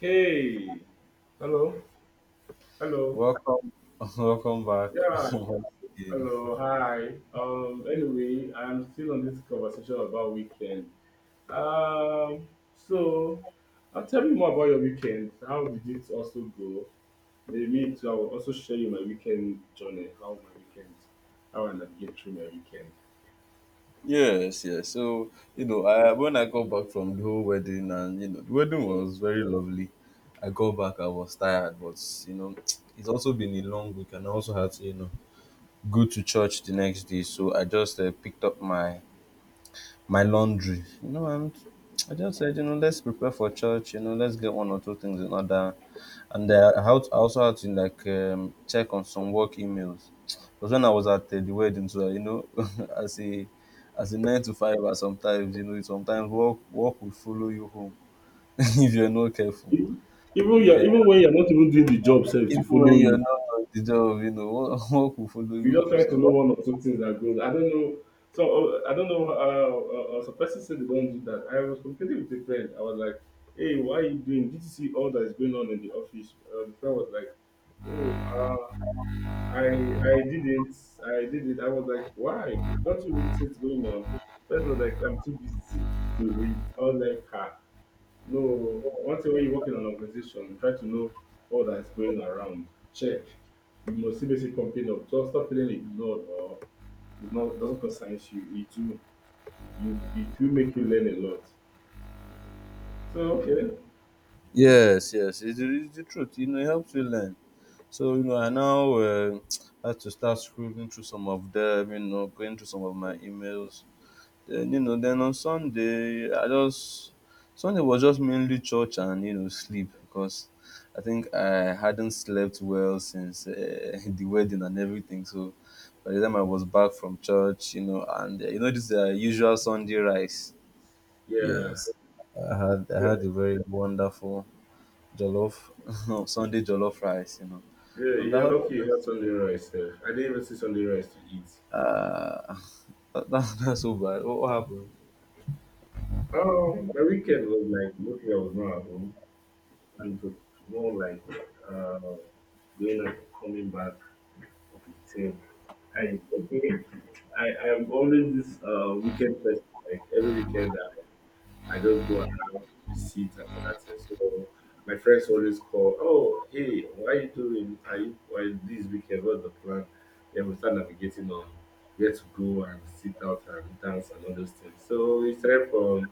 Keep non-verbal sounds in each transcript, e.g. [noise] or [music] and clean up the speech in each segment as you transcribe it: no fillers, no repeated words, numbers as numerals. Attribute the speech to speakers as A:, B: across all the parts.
A: Hey, Hello, hello.
B: Welcome, [laughs] welcome back
A: Yeah,
B: [laughs] once again.
A: hello, hi. Anyway, I'm still on this conversation about weekend. Um, so, I'll tell me more about your weekend. How did it also go? Maybe me too, I will also share you my weekend journey. How I navigate through my weekend.
B: Yes, yes. I when I got back from the whole wedding and the wedding
A: Mm.
B: was very lovely. I got back, I was tired, but you know, [tsk] it's also been a long week, and I also had to, go to church the next day. So I just picked up my laundry, and [tsk] I just said, let's prepare for church, let's get one or two things in order. And I also had to, like, check on some work emails. Because when I was at the wedding, so [laughs] as a as a nine to five, sometimes sometimes work will follow you home [laughs] if you're not careful.
A: Even even
B: Yeah,
A: your even when you're not even doing the job, self to
B: even when
A: follow
B: you're
A: you.
B: not on the job, [laughs] work will follow
A: You
B: you
A: just
B: home.
A: try to know
B: So
A: one or two things that goes. I don't know. So I don't know. Some person said they don't do that. I was communicating with a friend. I was like, "Hey, why are you doing? Did you see all that is going on in the office?" The friend was like, "Oh, uh, I I didn't. I did it." I was like, "Why? Don't you read what's going on?" The person was like, "I'm too busy to read." I was like, "Ha." No, once when you work in an organization, try to know all that's going around. Check. You must see basic complaint of just stop feeling ignored or it's not doesn't concern you. It will, you it will make you learn a lot. So okay.
B: yes, yes, it's the truth. You know, it helps you learn. So I now [tsk] had to start scrolling through some of them. You know, going through some of my emails. Then, then on Sunday, I just Sunday was just mainly church and, you know, sleep, because I think I hadn't slept well since [laughs] the wedding and everything. So by the time I was back from church, and you know, this usual Sunday rice.
A: Yeah.
B: Yes, I had
A: The-
B: a very wonderful jollof [laughs] Sunday jollof rice. You know,
A: Yeah,
B: and
A: you're
B: that
A: lucky you had Sunday rice. Eh. I didn't even see Sunday rice to eat.
B: uh, [laughs] that's so bad. What happened?
A: My weekend was like luckily I was not at home, and it was more like uh, going and coming back of the team. I okay. [laughs] I am always this weekend person. Like every weekend, I just go around the seat and all that thing. So my friends always call, "Oh, hey, what are you doing? Are you why this weekend? What's the plan?" Then we start navigating on where to go and sit out and dance and all those things. So it's time from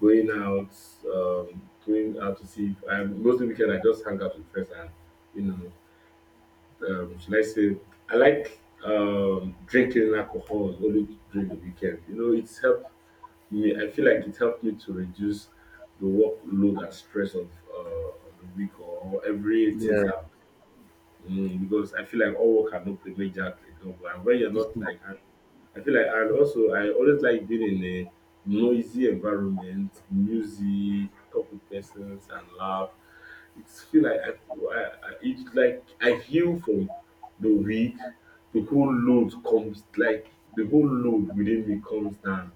A: going out, going out to see. If, mostly weekend, I just hang out with friends and you know should I say, I like drinking alcohol only during the weekend. You know, it's helped me. I feel like it helped me to reduce the workload and stress of the week or every I've
B: Yeah.
A: mm, because I feel like all work cannot play make Jack a dog. And when you're not like, I feel like, and also I always like being in a noisy environment, music, talk with persons, and laugh. It's feel like I it's like I heal from the week. The whole load comes like the whole load within me comes down.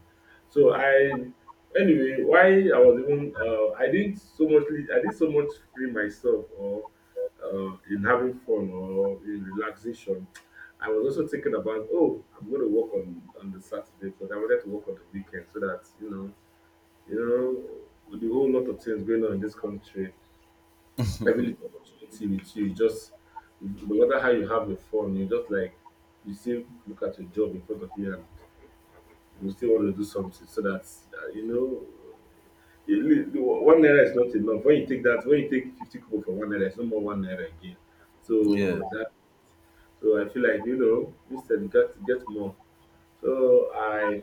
A: So I anyway, why I was even I didn't so much free myself or in having fun or in relaxation. I was also thinking about, oh, I'm going to work on the Saturday but I wanted to work on the weekend so that you know, with the whole lot of things going on in this country, every little opportunity with you, you just no matter how you have your fun, you just like you still look at your job in front of you and you still want to do something so that you know. You li- the wa- One naira is not enough. When you take that, when you take 50 kobo for one naira, it's no more one naira again.
B: Yeah.
A: So that so I feel like, you know, instead get more. So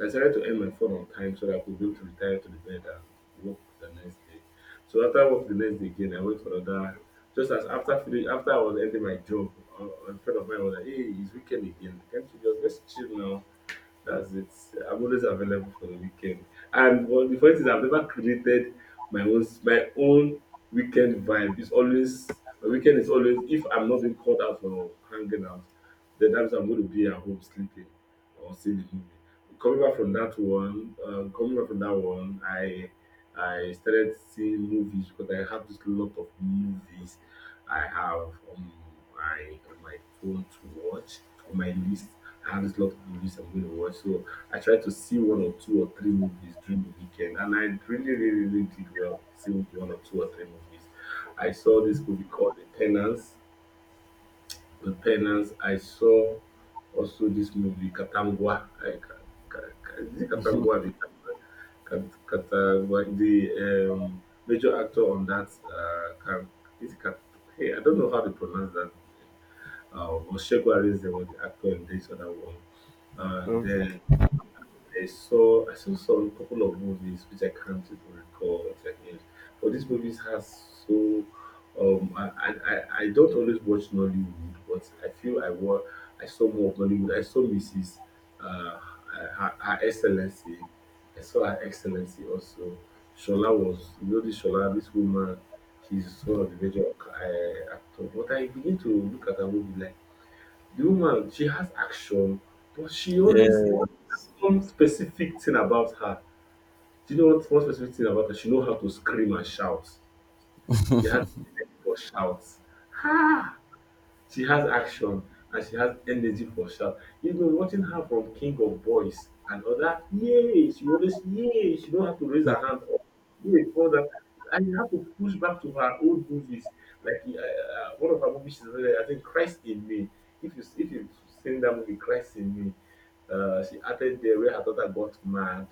A: I decided to end my phone on time so that I could be able to retire to the bed and work the next day. So after work the next day again, I went for another. Just as after finish, after I was ending my job, a a friend of mine was like, "Hey, it's weekend again. Can't you just let's chill now?" That's it. I'm always available for the weekend. And what the funny thing is, I've never created my own weekend vibe. It's always my weekend is always if I'm not being called out for hanging out, then that means I'm going to be at home sleeping or seeing the movie. Coming back from that one, I started seeing movies because I have this lot of movies I have on my phone to watch on my list. I have this lot of movies I'm going to watch, so I try to see one or two or three movies during the weekend, and I really, really, really did well seeing one or two or three movies. I saw this movie called The Tenants the penance. I saw also this movie Katangwa. I, Ka- Ka- Ka- Is it Katangwa? Katangwa, the major actor on that. Is it Kat- Hey, I don't know how to pronounce that. Was Shegu Arese was the actor in this other one, and
B: Okay.
A: then I saw some couple of movies which I can't even recall what their names, but these movies has so um, I don't always watch Nollywood, but I saw more of Nollywood. I saw Mrs. Uh, Her, her Excellency. I saw her Excellency also. Shola was you know this Shola this woman. She's one of the major actors. But I begin to look at her movie like the woman she has action, but she always
B: Yeah.
A: one specific thing about her, do you know what one specific thing about her? She know how to scream and shout. She has for shouts. Ah! She has action and she has energy for shout. You know, watching her from King of Boys and other, yay! She always yay! She know how to raise her hand up, yay! Further, and you have to push back to her old movies. Like one of her movies, she's already, I think Christ in Me. If you if you've seen that movie, Christ in Me, she acted there where her daughter got mad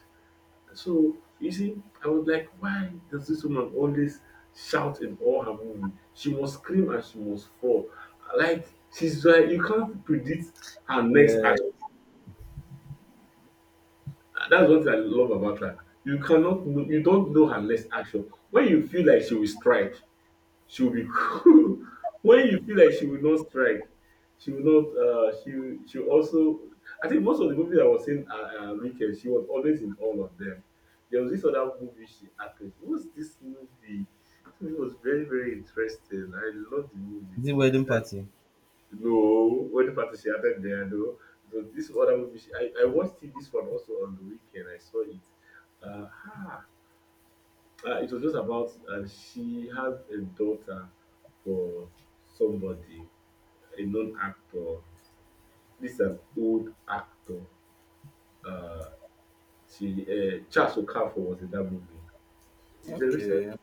A: so you see, I was like, why does this woman always shout in all her movie? She must scream and she must fall. Like she's like you can't predict her next
B: Yeah.
A: action. That's what I love about her. You cannot know, you don't know her next action. When you feel like she will strike, she will be cool. [laughs] When you feel like she will not strike, she will not. She also. I think most of the movies I was seeing weekend, she was always in all of them. There was this other movie she acted. What was this movie? This movie was very very interesting. I love the movie.
B: Is it wedding party?
A: No, what the part she acted there though. So this other movie, she, I watched it, this one also on the weekend. I saw it. Uh, ah, it was just about she has a daughter for somebody, a known actor. This is an old actor. Uh, she Charles Okafor was in that movie. It's a recent
B: Okay.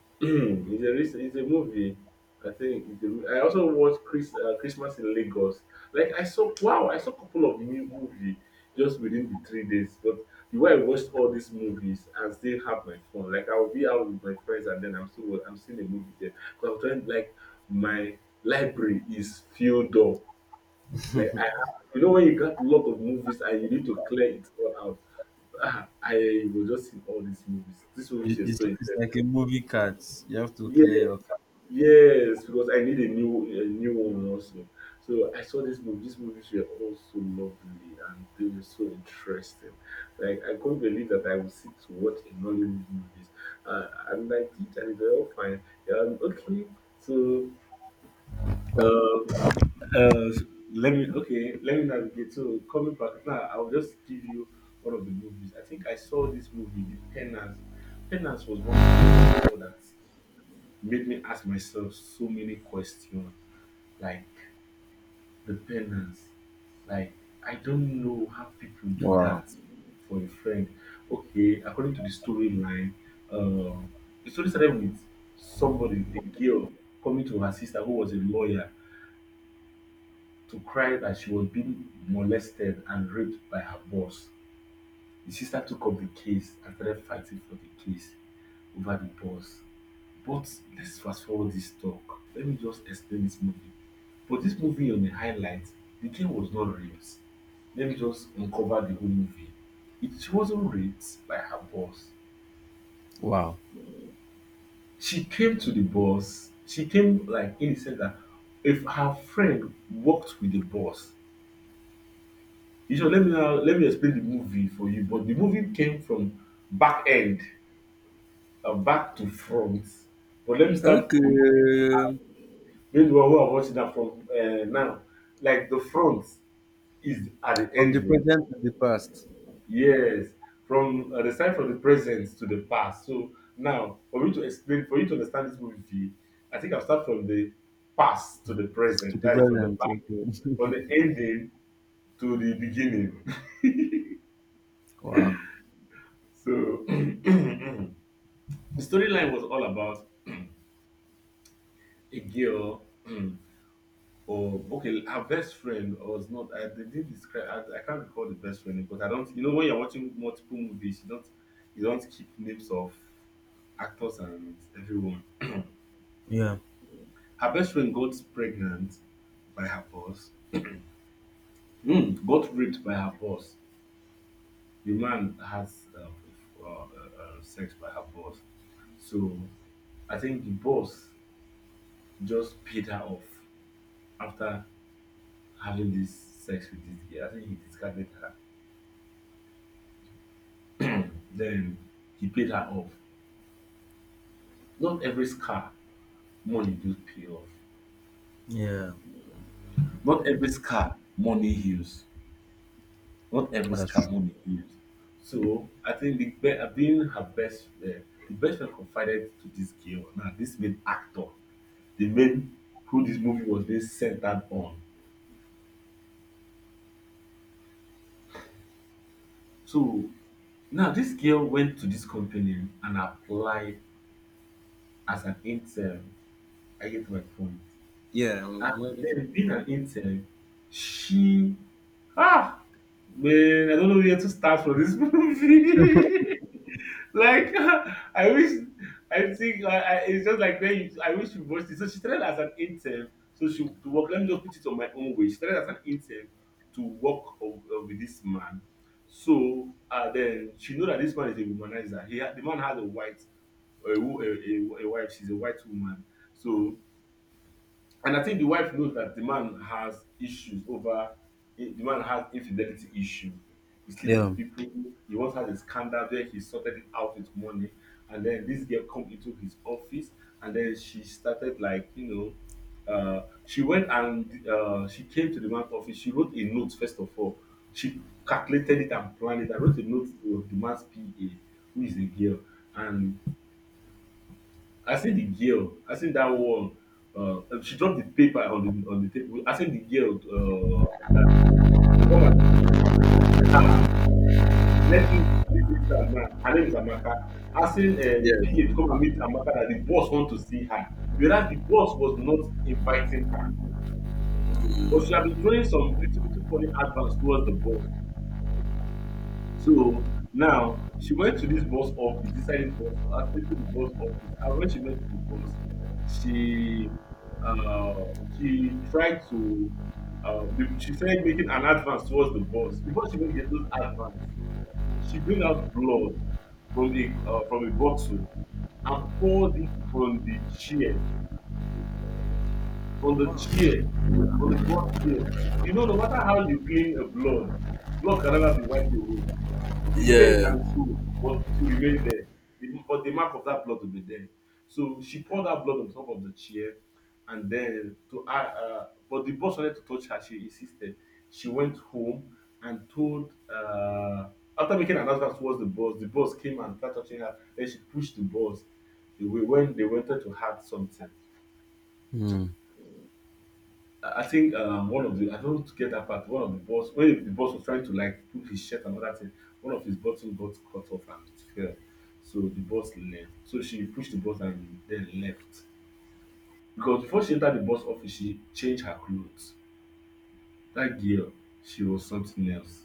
A: [clears throat] it's a movie. I think it's a, I also watched Christmas in Lagos. Like I saw, wow, I saw a couple of new movie just within the 3 days. But the way I watched all these movies and still have my phone, like I'll be out with my friends and then I'm seeing a movie there because I'm trying like my library is filled up. You know, when you got a lot of movies and you need to clear it all out. Ah, I was just seeing all these movies. These movies are so
B: It's
A: interesting.
B: like a movie card. You have to clear
A: Yeah.
B: your card.
A: Yes, because I need a new one also. So I saw this movie. These movies were all so lovely and they were so interesting. Like I couldn't believe that I would sit to watch a Nollywood movies. And I did and it was all fine. Um, okay, so uh, uh, okay, let me navigate. So coming back now, I'll just give you one of the movies. I think I saw this movie, The Penance. Penance was one movie I saw that made me ask myself so many questions like the parents. Like I don't know how people do
B: Wow.
A: that for a friend. Okay, according to the storyline, um, the story started with somebody, a girl, coming to her sister who was a lawyer to cry that she was being molested and raped by her boss. The sister took up the case and started fighting for the case over the boss. But let's fast forward this talk. Let me just explain this movie. But this movie on the highlight, the thing was not raped. Let me just uncover the whole movie. It she wasn't raped by her boss.
B: Wow.
A: She came to the boss. She came like in the sense that if her friend worked with the boss, you sure let me now let me explain the movie for you. But the movie came from back end, back to front. But let me start the
B: Okay.
A: This one wey I watching that from now. Like the front is at the
B: From the
A: ending.
B: present to the past.
A: Yes, from the side from the present to the past. So now, for me to explain, for you to understand this movie, I think I'll start from the past to the
B: To
A: present.
B: the
A: That is from the
B: present.
A: past,
B: Okay. [laughs]
A: from the ending to the beginning.
B: Wow.
A: So [clears throat] the storyline was all about a girl [clears throat] Oh, okay. Her best friend was not. I they didn't describe. I can't recall the best friend because I don't. You know, when you're watching multiple movies, you don't. You don't keep names of actors and everyone.
B: Yeah.
A: Her best friend got pregnant by her boss. Hmm, got raped by her boss. The man has sex by her boss. So I think the boss just paid her off after having this sex with this girl. I think he discarded her. Then he paid her off. Not every scar money do pay off.
B: Yeah.
A: Not every scar money heals. Not every
B: Oh, that's
A: scar
B: true.
A: money heals. So I think the being her best friend, the best friend confided to this girl, now this main actor, the main who this movie was being centered on. So now this girl went to this company and applied as an intern. I get my point.
B: I'm
A: And
B: waiting for.
A: then being an intern, she Ah, man, I don't know where to start for this [laughs] movie. Like, [laughs] I wish, I think, it's just like when you, I wish you watched it. So she started as an intern, so she to work. Let me just put it on my own way. She started as an intern to work with this man. So then she know that this man is a womanizer. The man has a white, a wife. She's a white woman. So and I think the wife knows that the man has issues over the man has infidelity issue. He sleep
B: Yeah.
A: with people. He once had a scandal where he sorted it out with money, and then this girl come into his office, and then she started like. She went and she came to the man's office. She wrote a note first of all. She calculated it and planned it. I wrote a note to the man's PA, who is a girl, and I seen the girl, I seen that one, she dropped the paper on the table. I seen the girl, like, "Woman, ah, let's use this sister now. Her name is Amaka. I seen the PA to
B: Yes.
A: come and meet Amaka that the boss want to see her, whereas the boss was not inviting her, but she had been throwing some little little funny advance towards the boss. So now she went to this boss office, decided to boss, asked me to the boss office. And when she went to the boss, she she tried to she started making an advance towards the boss. Before she even get those advance, she bring out blood from a bottle and poured it on the chair, on the chair, on the boss chair. You know, no matter how you clean a blood, blood can never be wiped away, the stain
B: Yeah.
A: can go, but it will remain there, but the mark of that blood will be there. So she poured that blood on top of the chair, and then to her but the boss wanted to touch her, she insisted. She went home and told after making an announcement towards the boss, the boss came and started touching her, then she pushed the boss away when they wanted to add something.
B: Hmm.
A: I think one of the I don't get that part. One of the boss when the boss was trying to like put his shirt and other thing, one of his button got cut off and it fell. So the boss left. So she pushed the boss and then left. Because before she entered the boss office, she changed her clothes. That girl, she was something else.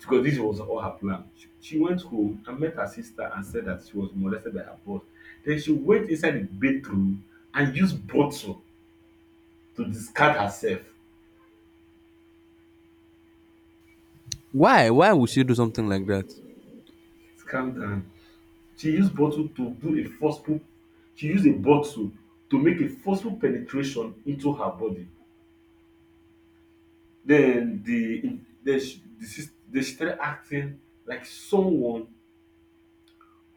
A: Because this was all her plan. She went home and met her sister and said that she was molested by her boss. Then she went inside the bathroom and used bottle to discard herself.
B: Why? Why would she do something like that?
A: Calm down. She used bottle to do a forceful, she used a bottle to make a forceful penetration into her body. Then then started acting like someone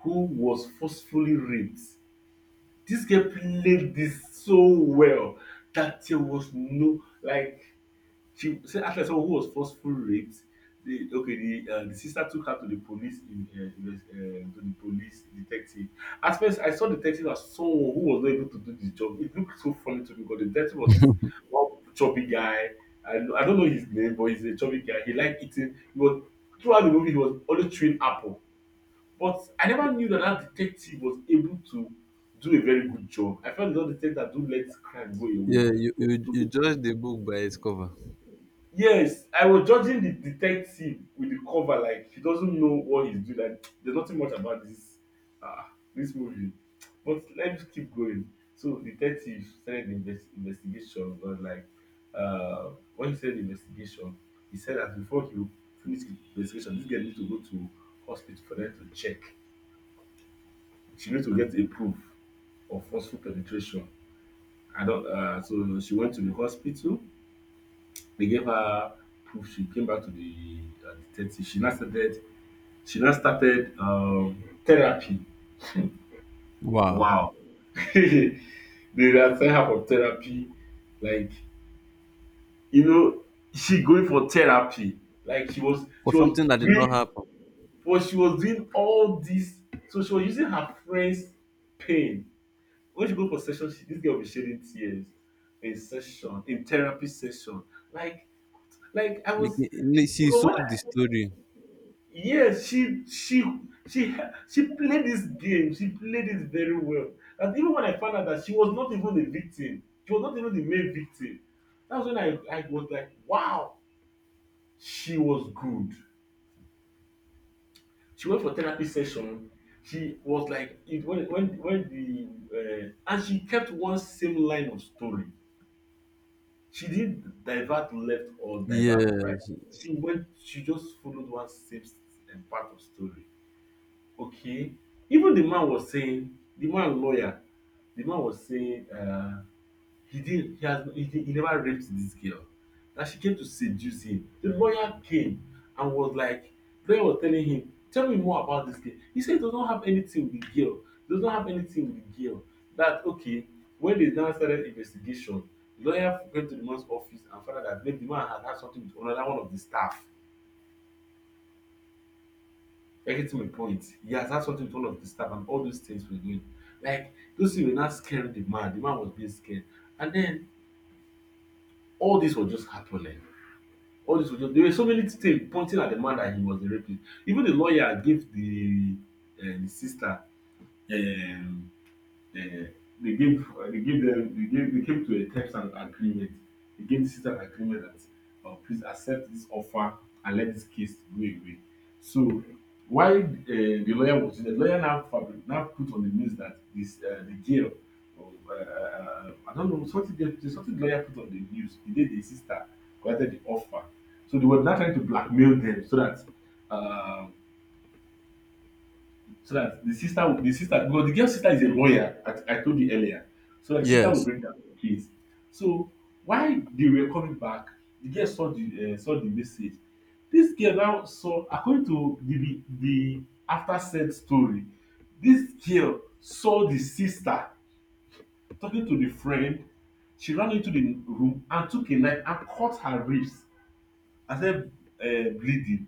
A: who was forcefully raped. This girl played this so well that there was no like She said actually someone who was forceful raped, the okay, the sister took her to the police in to the police detective. At first, I saw the detective as someone who was not able to do the job. It looked so funny to me because the detective was this one chubby guy. I don't know his name, but he's a chubby guy. He liked eating. He was throughout the movie he was always chewing apple. But I never knew that that detective was able to do a very good job. I felt the other detective that do let crime go away.
B: Yeah,
A: But
B: you
A: no,
B: judge the book by its cover.
A: yes, I was judging the detective with the cover like he doesn't know what he's doing and there's nothing much about this ah this movie. But let's keep going. So detective started the investigation but like when he said investigation, he said that before he would finish the investigation, this girl needs to go to hospital for them to check. She needs to get a proof of forceful penetration. I don't so she went to the hospital. They gave her proof. She came back to the detective. She now started. She now started therapy.
B: Wow.
A: Wow. [laughs] They now sent her for therapy. Like you know, she going for therapy. Like
B: For
A: she was
B: something that did
A: doing,
B: not happen.
A: but she was doing all this. So she was using her friend's pain. When she go for session, she, this girl will be shedding tears in session, in therapy session. Like, like I was,
B: Making, she
A: you know,
B: so
A: when
B: the story.
A: Yes, she she played this game. She played it very well. And even when I found out that she was not even the victim, she was not even the main victim. That's when I was like, wow, she was good. She went for therapy session. She was like it when the and she kept one same line of story. She didn't divert left or
B: Yes,
A: divert right. She went. She just followed one same part of story. Okay. Even the man was saying, the man lawyer, the man was saying he didn't, he has, he, did, he never raped this girl. That she came to seduce him. The lawyer came and was like, the lawyer was telling him, tell me more about this girl. He said it does not have anything with the girl. It does not have anything with the girl. That okay. When they now started investigation, the lawyer went to the man's office and found out that maybe the man had had something with another one of the staff. Getting my point? He has had something with one of the staff and all those things were going. Like those things were not scaring the man. The man was being scared. And then all this was just happening. All this was just, there were so many things pointing at the man that he was a rapist. Even the lawyer gave the sister um, uh, they gave them they came to a terms and agreement. They came to sit an agreement that please accept this offer and let this case go away. So while the lawyer now fabric now put on the news that this the jail I don't know something the something the lawyer put on the news the day the sister collected the offer. So they were now trying to blackmail them so that uh, so that the sister, because the girl's sister is a lawyer, I told you earlier, so that the sister will
B: yes.
A: bring down the case. So while they were coming back, the girl saw the message. This girl now saw, according to the after said story, this girl saw the sister talking to the friend. She ran into the room and took a knife and cut her ribs and started bleeding.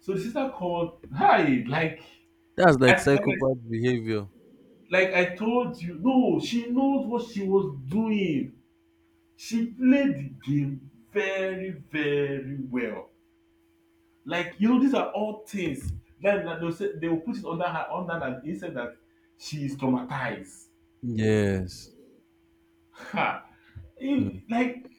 A: So the sister called hi like
B: That's
A: I
B: like
A: like I
B: psychopath behavior.
A: Like I told you, no, she knows what she was doing. She played the game very, very well. Like, you know, these are all things that they'll say, they will put it under her under that. They said that she is traumatized.
B: Yes.
A: Ha.
B: Hmm.
A: You- like.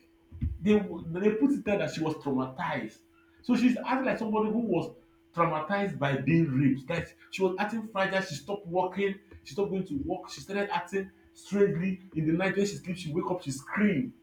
A: They they put it there that she was traumatized. So she's acting like somebody who was traumatized by being raped. That she was acting fragile. She stopped walking. She stopped going to work. She started acting strangely in the night. When she sleeps, she wake up. She scream.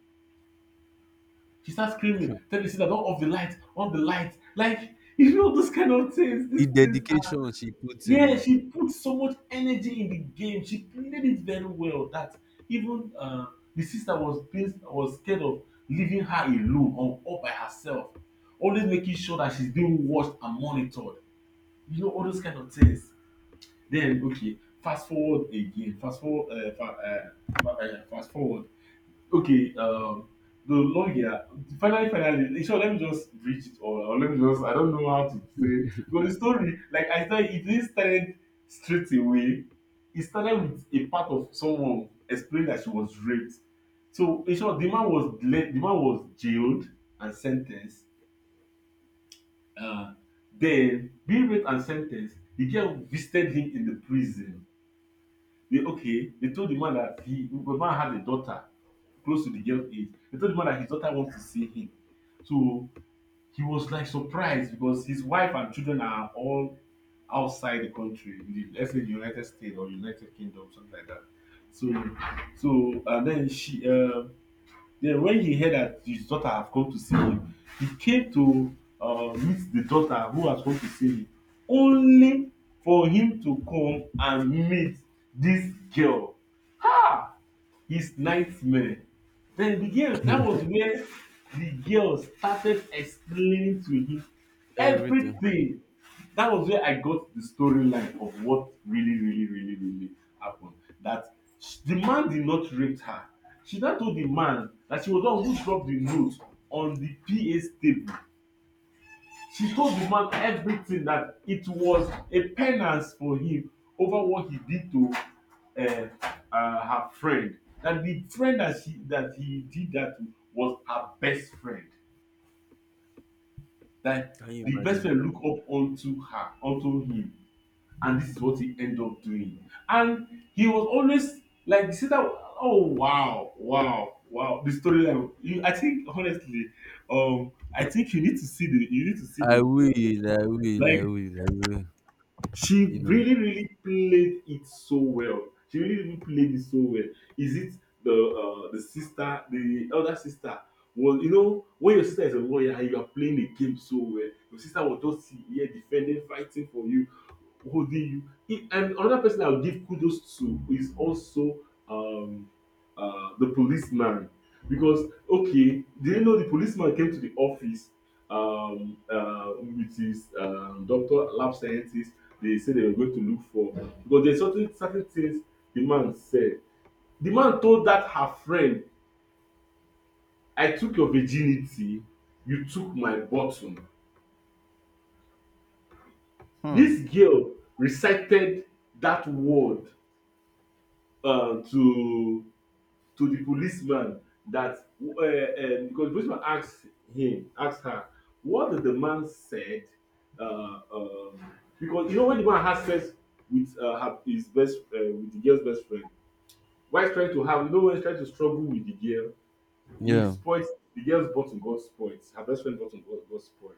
A: She starts screaming. Tell the sister, don't off the light. On the light. Like you know those kind of things.
B: The
A: These things are
B: dedication she put
A: yeah,
B: in
A: she put so much energy in the game. She played it very well that even the sister was scared of leaving her alone or all by herself, always making sure that she's being watched and monitored. You know all those kind of things. Then okay, fast forward again. Fast forward. Fast forward. Okay, the long year. Finally, finally, so let me just reach it all, or let me just. I don't know how to say, but the story, like I said, it didn't start straight away. It started with a part of someone explained that she was raped. So in short, the man was jailed and sentenced. Uh, then being raped and sentenced, the girl visited him in the prison. They okay, they told the man that he the man had a daughter close to the girl age. He told the man that his daughter wants to see him. So he was like surprised because his wife and children are all outside the country, in the, let's say the United States or United Kingdom, something like that. So, so and then then when he heard that his daughter have come to see him, he came to meet the daughter who has come to see him, only for him to come and meet this girl, his nightmare. Then the girl, that was where the girl started explaining to him
B: everything.
A: everything. That was where I got the storyline of what really, really, really, really happened. That the man did not rape her. She now told the man that she was the one who dropped the note on the PA's table. She told the man everything, that it was a penance for him over what he did to uh, her friend. That the friend that he did that to was her best friend. That
B: Can you
A: the best
B: imagine?
A: friend looked up onto her, onto him, and this is what he ended up doing. And he was always like you, "See that? Oh wow, wow, wow!" The storyline. You- I think honestly, I think you need to see the, you need to see
B: I
A: the
B: will,
A: like,
B: I will.
A: she
B: You know.
A: really really played it so well, she really really played it so well. Is it the the sister, the elder sister? Was, you know, when your sister is a lawyer and you are playing the game so well, your sister will just sit here defending, fighting for you. Who the. And another person I'll give kudos to is also um the policeman. Because okay, do you know the policeman came to the office with his doctor lab scientist? They said they were going to look for, because there's certain certain things. The man said, the man told that her friend, I took your virginity, you took my bottom.
B: Hmm.
A: This girl recited that word uh, to to the policeman that, because the policeman asked him, asked her, what did the man said? uh, um, because you know when the man has sex with her, his best with the girl's best friend, why while trying to have, you know when he's trying to struggle with the girl, he
B: Yeah.
A: spoils. The girl's bottle got spoiled her best friend bottle got spoiled.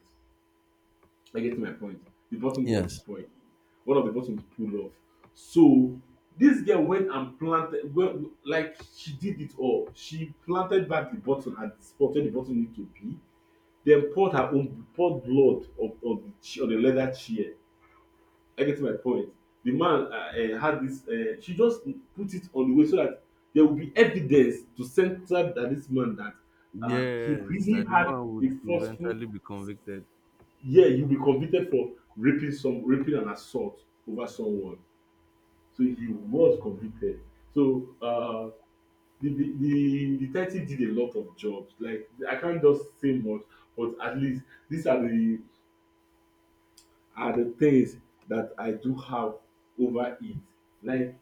A: I get my point. The button got
B: Yes.
A: spoiled. One of the buttons pulled off. So this girl went and planted, well, like she did it all. She planted back the button at the spot where the button need to be. Then poured her own poured blood on the leather chair. I get my point. The man had this. She just put it on the way so that there will be evidence to center that this man, that he
B: Yes.
A: really
B: That the
A: had
B: man would
A: a forceful
B: eventually be convicted.
A: yeah, you'll be convicted for raping some, raping an assault over someone. So he was convicted. So the detective did a lot of jobs. Like I can't just say much, but at least these are the things that I do have over it. Like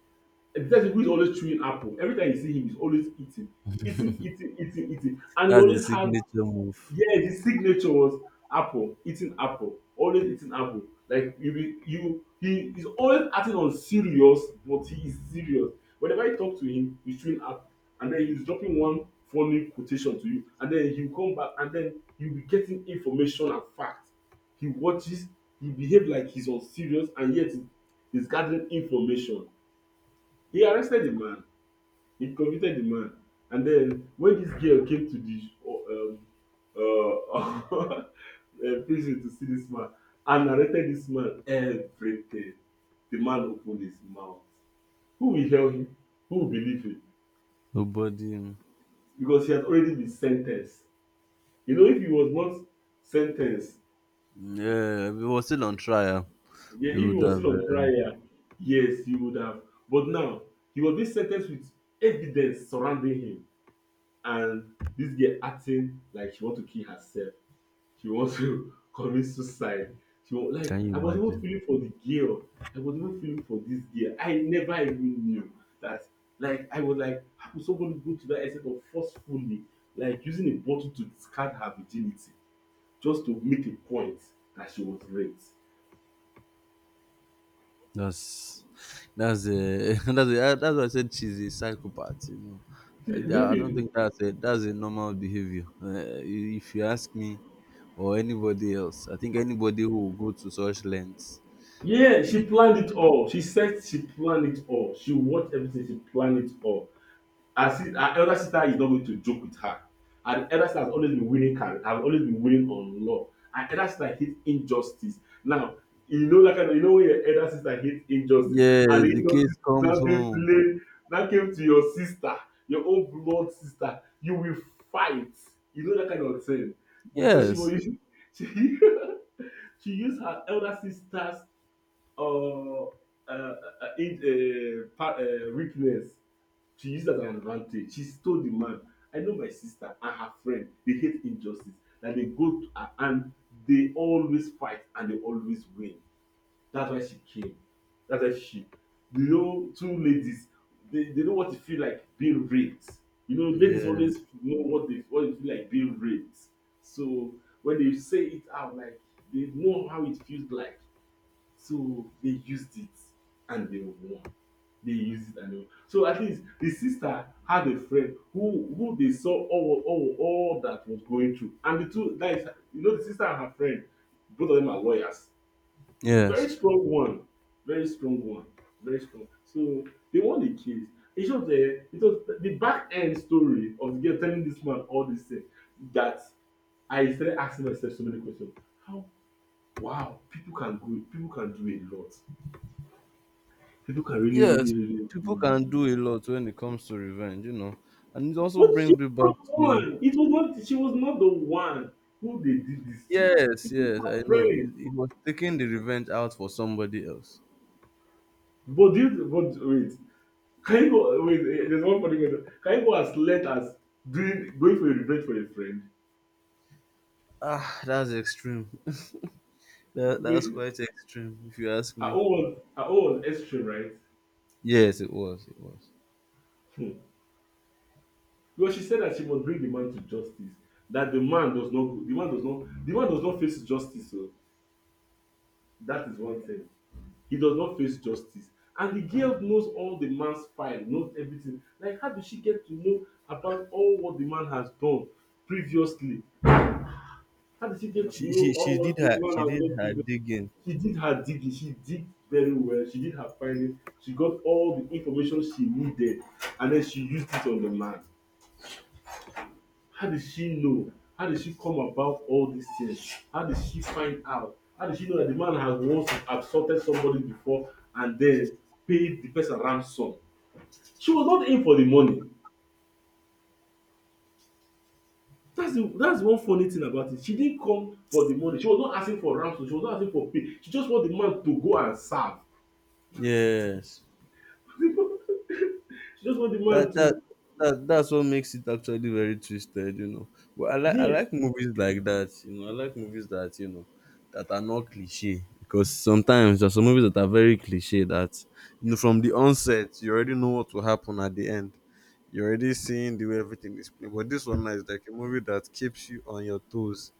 A: the detective who is always chewing apple. Every time you see him, he's always eating, eating, eating, eating, eating, and he
B: That's the
A: always has.
B: signature move.
A: Yeah, the signature was apple, eating apple, always eating apple. Like you be you, he is always acting on serious but he is serious. Whenever you talk to him, he's chewing apple and then he's dropping one funny quotation to you and then he'll come back and then you'll be getting information and facts. He watches, he behaves like he's on serious and yet he's gathering information. He arrested the man, he convicted the man, and then when this girl came to the oh, um, uh, [laughs] prison to see this man and narrated this man everything, the man opened his mouth. Who will hear him? Who will believe him?
B: Nobody. Hmm.
A: Because he had already been sentenced. You know, if he was not sentenced,
B: Yeah. If it was still on trial,
A: yeah,
B: they
A: if he
B: would
A: was
B: have.
A: still on trial, yes he would have, but now he was being sentenced with evidence surrounding him, and this girl acting like she want to kill herself. She wants to [laughs] commit suicide. She was
B: Can
A: like,
B: you
A: I was even
B: imagine?
A: feeling for the girl. I was even feeling for this girl. I never even knew that. Like, I was like, how could somebody go to that extent of forcefully, like using a bottle to discard her virginity just to make a point that she was raped?
B: That's that's a [laughs] that's why I said she's a psychopath. You know,
A: She- don't
B: I don't
A: you-.
B: think that's a normal behavior. If you ask me, or anybody else, I think anybody who will go to such lengths.
A: Yeah,
B: y-
A: she planned it all. She said she planned it all. She watched everything. She planned it all. Her elder sister is not going to joke with her. Her elder sister has always been winning can has always been winning on law. Her elder sister hates injustice. Now, you know that kind of, you know when your elder sister hates injustice
B: Yes,
A: and the
B: the
A: injustice
B: case
A: is
B: comes
A: now being
B: home.
A: played, now came to your sister, your own blood sister, you will fight. You know that kind of thing. So she will
B: Yes,
A: use [laughs] she, she used her elder sister's uh, uh, uh, uh, in, weakness. She used that as an advantage. She told the man, I know my sister and her friend, they hate injustice. That they go to her and they always fight and they always win. That's why she came. That's why she, you know, two ladies, they know what it feel like being raped. You know ladies
B: yeah,
A: always know what it feel like being raped. So when they say it out, like, they know how it feels like. So they used it and they won. They used it and they won. So at least the sister had a friend who they saw all that was going through. And the two that is, you know, the sister and her friend, both of them are lawyers. Very
B: yes,
A: strong one. Very strong one. Very strong. So they won the case. It was the back end story of the girl telling this man all this thing that I started asking myself so many questions. How, wow, people can go, people can do a lot. People can really,
B: yes.
A: really, really, really
B: People can do
A: do
B: a
A: it.
B: lot when it comes to revenge. You know, and it also
A: But she
B: brings
A: was
B: me back
A: not the
B: to
A: one. It was not. She was not the one who they did this to.
B: yes,
A: It was
B: yes. I
A: her
B: know
A: friend.
B: he was taking the revenge out for somebody else.
A: But this, but wait, can you go? Wait, eh, there's one funny question. Can you go as late as doing going for a revenge for a friend?
B: Ah, that's extreme. [laughs] That's
A: Because
B: quite extreme, if you ask me.
A: her own was extreme, right?
B: Yes, it was. It was.
A: Hmm. Because she said that she must bring the man to justice. That the man does not. The man does not. The man does not face justice. So that is one thing. He does not face justice. And the girl knows all the man's file, knows everything. Like, how did she get to know about all what the man has done previously? How did she get to
B: She
A: know
B: she she
A: all
B: did
A: what the
B: her
A: man
B: she
A: has
B: did
A: done
B: her
A: previously?
B: digging.
A: She did her digging, she did very well, she did her finding, she got all the information she needed, and then she used it on the man. How did she know? How did she come about all these things? How did she find out? How did she know that the man has once assaulted somebody before and then paid the person ransom? She was not in for the money. That's the that's one funny thing about it. She didn't come for the money. She was not asking for ransom. She was not asking for pay. She just want the man to go and serve.
B: Yes.
A: [laughs] She just want the man
B: That that.
A: to
B: That, that's what makes it actually very twisted, you know. But I
A: yes,
B: like movies like that, you know. I like movies that, you know, that are not cliche, because sometimes there are some movies that are very cliche, that you know from the onset you already know what will happen at the end. You're already seeing the way everything is played. But this one is like a movie that keeps you on your toes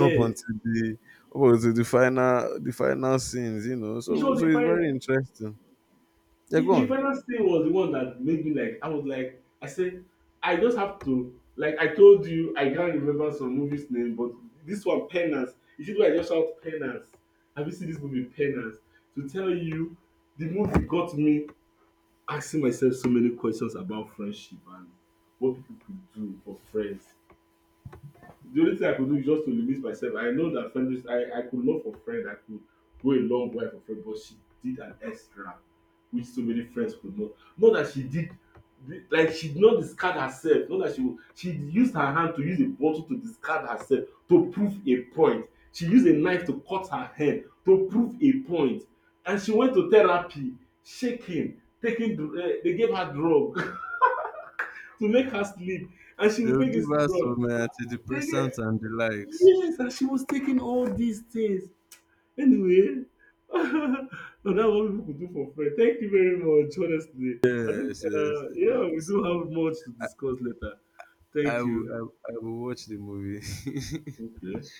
B: up until the up until the final scenes, you know.
A: She
B: So
A: was
B: so
A: the
B: it's very
A: fine
B: interesting. Yeah,
A: it,
B: go
A: the
B: on.
A: final thing was the one that made me like, I was like I said, I just have to, like I told you, I can't remember some movies name, but this one, penance. You see why I just shout penance? Have you seen this movie, penance? To tell you, the movie got me asking myself so many questions about friendship and what people could do for friends. The only thing I could do is just to limit myself. I know that friends, I could love for friend, I could go a long way for friend, but she did an extra which so many friends could not. Not that she did, like she did not discard herself, not that she would, she used her hand to use a bottle to discard herself to prove a point. She used a knife to cut her hand to prove a point. And she went to therapy, shaking taking dr- eh, they gave her drug [laughs] to make her sleep, and she
B: They
A: would
B: will
A: take
B: give
A: this
B: us
A: drug.
B: some antidepressants and the likes.
A: Yes, and she was taking all these things. Anyway, [laughs] so that's what people do for free. Thank you very much, honestly. I think,
B: Yes, yes.
A: yeah, we do have much to discuss later. Thank you.
B: I will watch the movie.
A: Okay.